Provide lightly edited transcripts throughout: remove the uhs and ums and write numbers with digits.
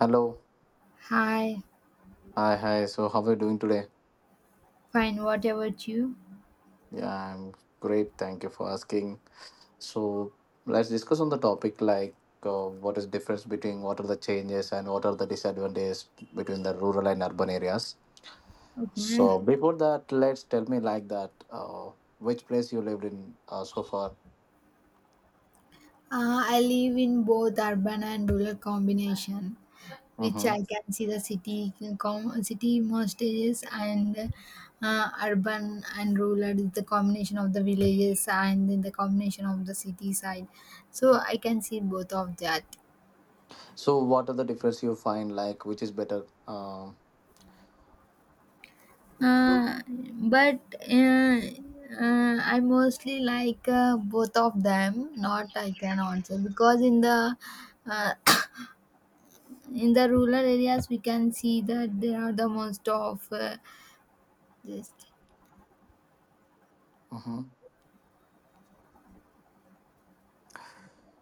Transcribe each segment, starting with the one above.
Hello. Hi, Hi. So, how are you doing today? fine, what about you? Yeah, I'm great. Thank you for asking. So, let's discuss on the topic like what is difference between what are the changes and what are the disadvantages between the rural and urban areas. Okay. So, before that, let's tell me like that which place you lived in so far. Uh, I live in both urban and rural combination, which Mm-hmm. I can see the city city more stages and urban and rural is the combination of the villages and then the combination of the city side. So I can see both of that. So, what are the difference you find like which is better? Uh, but uh, I mostly like both of them. Not I can also because in the uh, in the rural areas we can see that there are the most of this. Mhm.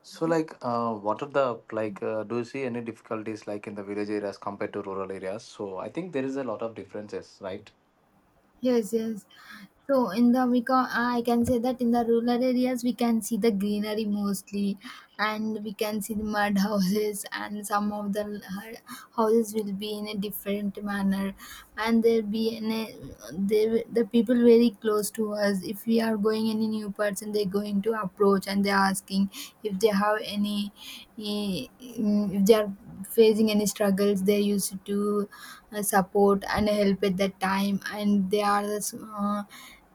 So, like, what are the like? Do you see any difficulties like in the village areas compared to rural areas? So, I think there is a lot of differences, right? Yes. So in the we can, I can say that in the rural areas we can see the greenery mostly, and we can see the mud houses and some of the houses will be in a different manner, and there be in a, they, the people very close to us. If we are going any new person they're going to approach and they're asking if they have any eh, if they are facing any struggles they used to support and help at that time, and they are the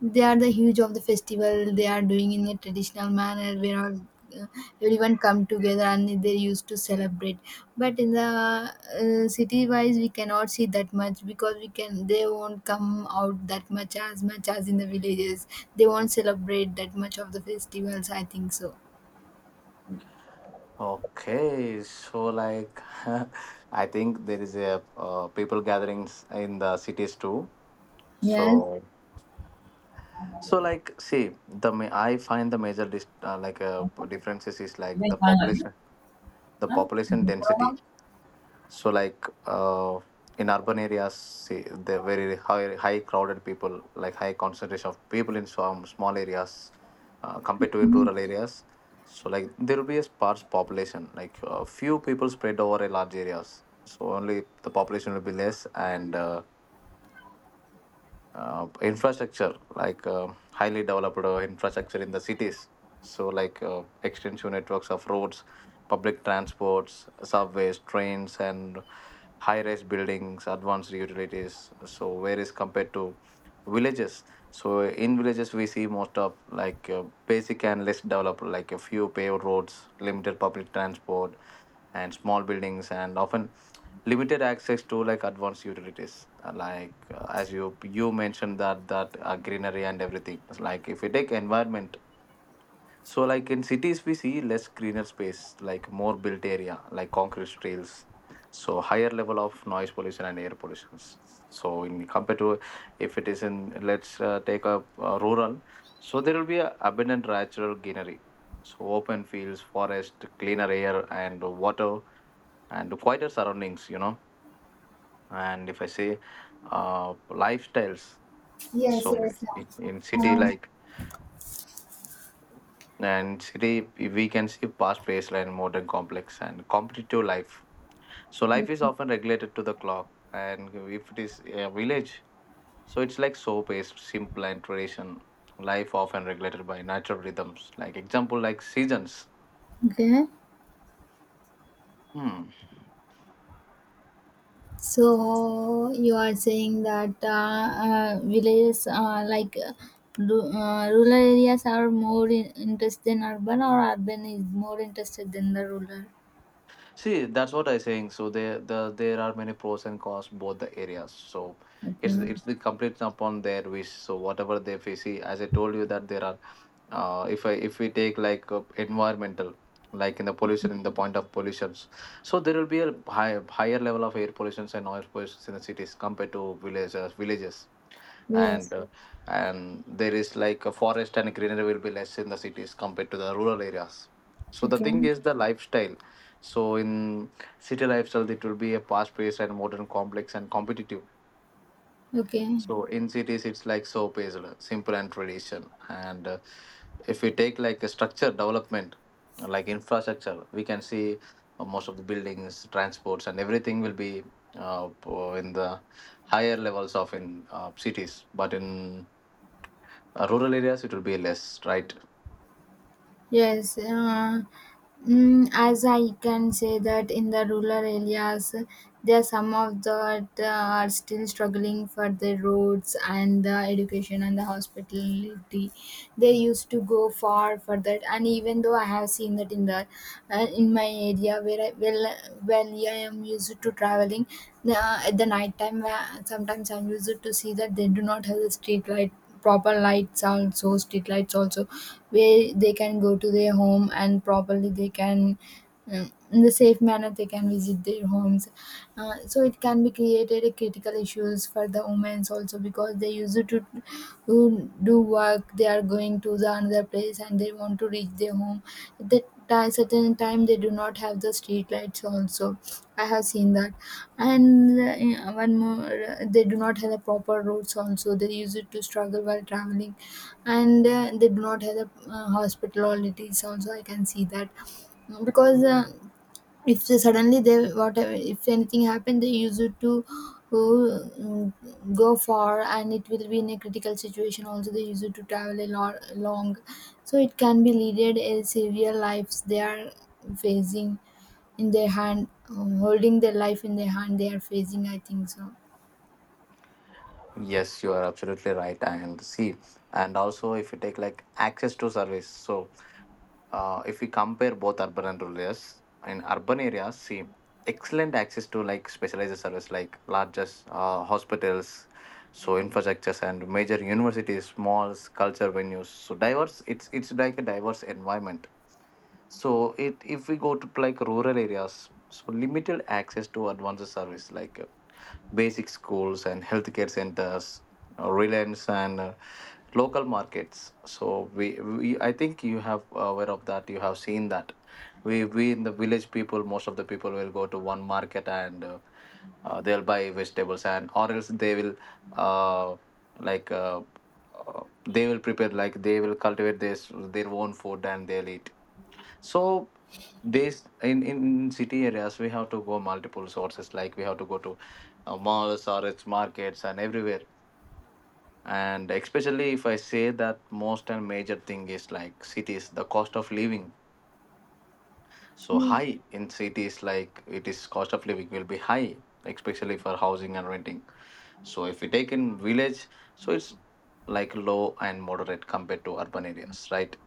they are the huge of the festival they are doing in a traditional manner where all, uh, everyone come together and they used to celebrate. But in the city wise we cannot see that much, because we can they won't come out that much as in the villages. They won't celebrate that much of the festivals, I think so. Okay, so like, I think there is a people gatherings in the cities too. Yes. So, so like, see, I find the major like differences is like Yes, finally. The Huh? population density. So like in urban areas, see, they're very high crowded people, like high concentration of people in some small areas, compared to in Mhm. rural areas. So like there will be a sparse population, like few people spread over a large areas, so only the population will be less, and infrastructure like highly developed infrastructure in the cities. So like extensive networks of roads, public transports, subways, trains, and high-rise buildings, advanced utilities. So where is compared to villages, so in villages we see most of like basic and less developed, like a few paved roads, limited public transport and small buildings, and often limited access to like advanced utilities. Like as you mentioned that greenery and everything, it's like if we take environment, so like in cities we see less greener space, like more built area, like concrete trails, so higher level of noise pollution and air pollutions. So in compared to, if it is in, let's take a rural, so there will be a abundant natural greenery, so open fields, forest, cleaner air and water, and quieter surroundings, you know. And if I say lifestyles, Yes, so yes, yeah. in city Um, like, and city we can see past paced and modern, complex and competitive life, so life is often regulated to the clock. And if it is a village, so it's like so paced, simple and tradition, life often regulated by natural rhythms, like example like seasons. okay. Hmm. So you are saying that villages, like rural areas, are more interested than urban, or urban is more interested than the rural. See, that's what I'm saying. So there are many pros and cons both the areas. So Okay. it's the complete upon their wish. So whatever they face, see, as I told you that there are, if I if we take like environmental, like in the pollution, in the point of pollutions, so there will be a higher level of air pollutions and noise pollutions in the cities compared to villages. And Yes. And there is like a forest and greenery will be less in the cities compared to the rural areas. So the Okay. thing is the lifestyle. So in city lifestyle it will be a fast paced and modern, complex and competitive. Okay. So in cities it's like so paced, simple and tradition. And if we take like a structure development, like infrastructure, we can see most of the buildings, transports, and everything will be in the higher levels of in cities, but in rural areas it will be less, right? Yes, as I can say that in the rural areas, there are some of that are still struggling for the roads and the education and the hospitality. They used to go far for that, and even though I have seen that in the in my area where I well, well yeah, I am used to traveling at the night time. Sometimes I'm used to see that they do not have the street light, proper lights also, street lights also, where they can go to their home and properly they can in the safe manner they can visit their homes. So it can be created a critical issues for the women also, because they used to do work, they are going to the another place and they want to reach their home. At that certain time they do not have the street lights also, I have seen that. And one more, they do not have the proper roads. Also, they use it to struggle while traveling, and they do not have the hospitality. Also, I can see that, because. If they suddenly they whatever if anything happened they use it to uh, go far and it will be in a critical situation, also they use it to travel a lot long, so it can be leaded a severe lives they are facing in their hand. Holding their life in their hand they are facing, I think so. Yes, you are absolutely right. And see, and also if you take like access to service, so if we compare both urban and rural areas, in urban areas, see, excellent access to like specialized service, like largest hospitals, so infrastructures and major universities, malls, culture venues, so diverse, it's like a diverse environment. So it if we go to like rural areas, so limited access to advanced service, like basic schools and healthcare centers, Reliance, and local markets. So I think you have aware of that. You have seen that. We in the village people, most of the people will go to one market, and they'll buy vegetables, and or else they will uh, like uh, uh, they will prepare, like they will cultivate this their own food and they'll eat. So this in city areas we have to go multiple sources, like we have to go to malls or its markets and everywhere. And especially if I say that most and major thing is like cities, the cost of living, so Hmm. high in cities, like it is cost of living will be high, especially for housing and renting. So if we take in village, so it's like low and moderate compared to urban areas, right?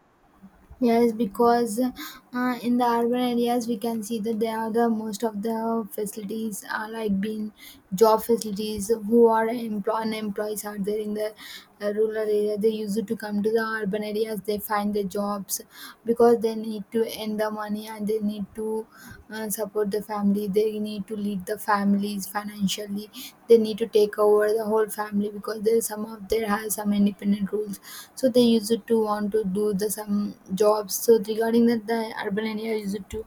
Yes, because in the urban areas we can see that there are the most of the facilities are like being job facilities who are employ and employees are there in the rural area. They used to come to the urban areas. They find the jobs because they need to earn the money and they need to support the family. They need to lead the family, families financially, they need to take over the whole family because there some of there has some independent rules, so they used to want to do the some jobs. So regarding that the urban area used to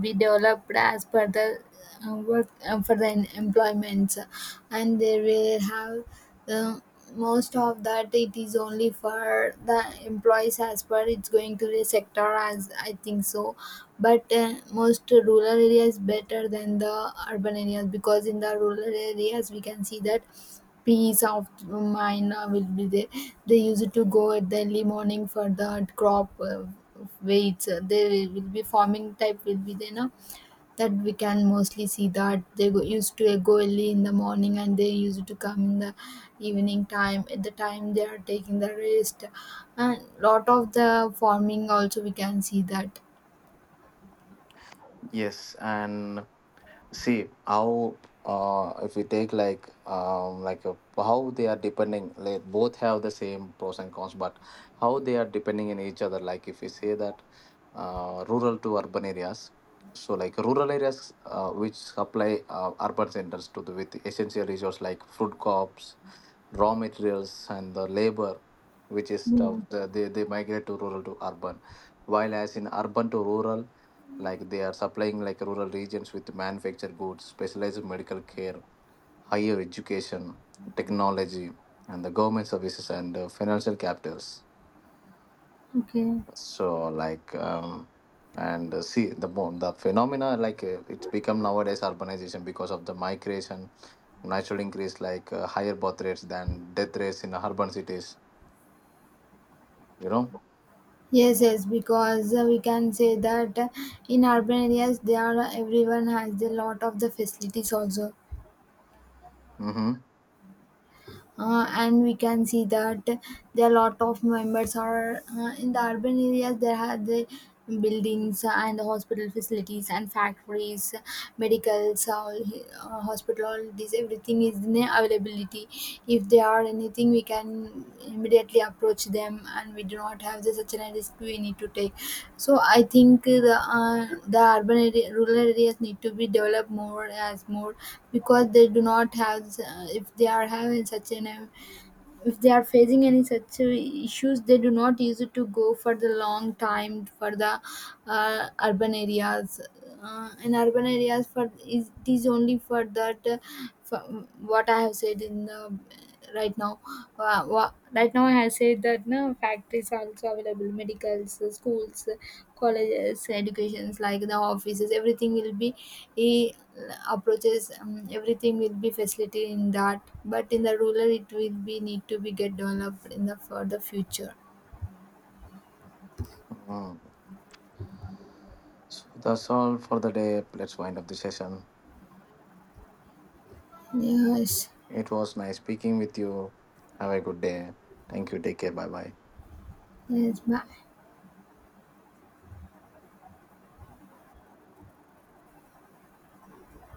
be developed as per the work for the employments, and they will have most of that, it is only for the employees as per it's going to the sector, as I think so. But most rural areas better than the urban areas, because in the rural areas we can see that peace of mind will be there. They used to go at the early morning for the crop weights. They will be farming type will be there now, that we can mostly see that they go, used to go early in the morning and they used to come in the evening time at the time they are taking the rest, and lot of the farming also we can see that. Yes, and see how if we take like a, how they are depending. Like both have the same pros and cons, but how they are depending in each other. Like if we say that rural to urban areas. So like rural areas which supply urban centers to the with essential resources like food crops, raw materials, and the labor, which is Yeah. They migrate to rural to urban. While as in urban to rural, like they are supplying like rural regions with manufactured goods, specialized medical care, higher education, technology, and the government services, and financial capitals. Okay. So like and see the phenomena, like it's become nowadays urbanization because of the migration, natural increase, like higher birth rates than death rates in urban cities, you know. Yes, yes, because we can say that in urban areas, there are everyone has a lot of the facilities also. Mm-hmm. And we can see that there are a lot of members are in the urban areas there are the buildings and the hospital facilities and factories, medicals all, hospital all, this everything is in availability. If they they are anything we can immediately approach them and we do not have the, such a risk we need to take. So I think uh, the urban area, rural areas need to be developed more as more, because they do not have if they are having such an if they are facing any such issues they do not use it to go for the long time for the urban areas. In urban areas for is it is only for that for what I have said in the right now. Right now I said that no factories are also available, medicals, schools, colleges, educations like the offices. Everything will be he approaches. Everything will be facility in that, but in the rural it will be need to be get developed in the for the future. Mm. So that's all for the day. Let's wind up the session. Yes, It was nice speaking with you. Have a good day. Thank you. Take care. Bye bye. yes, bye.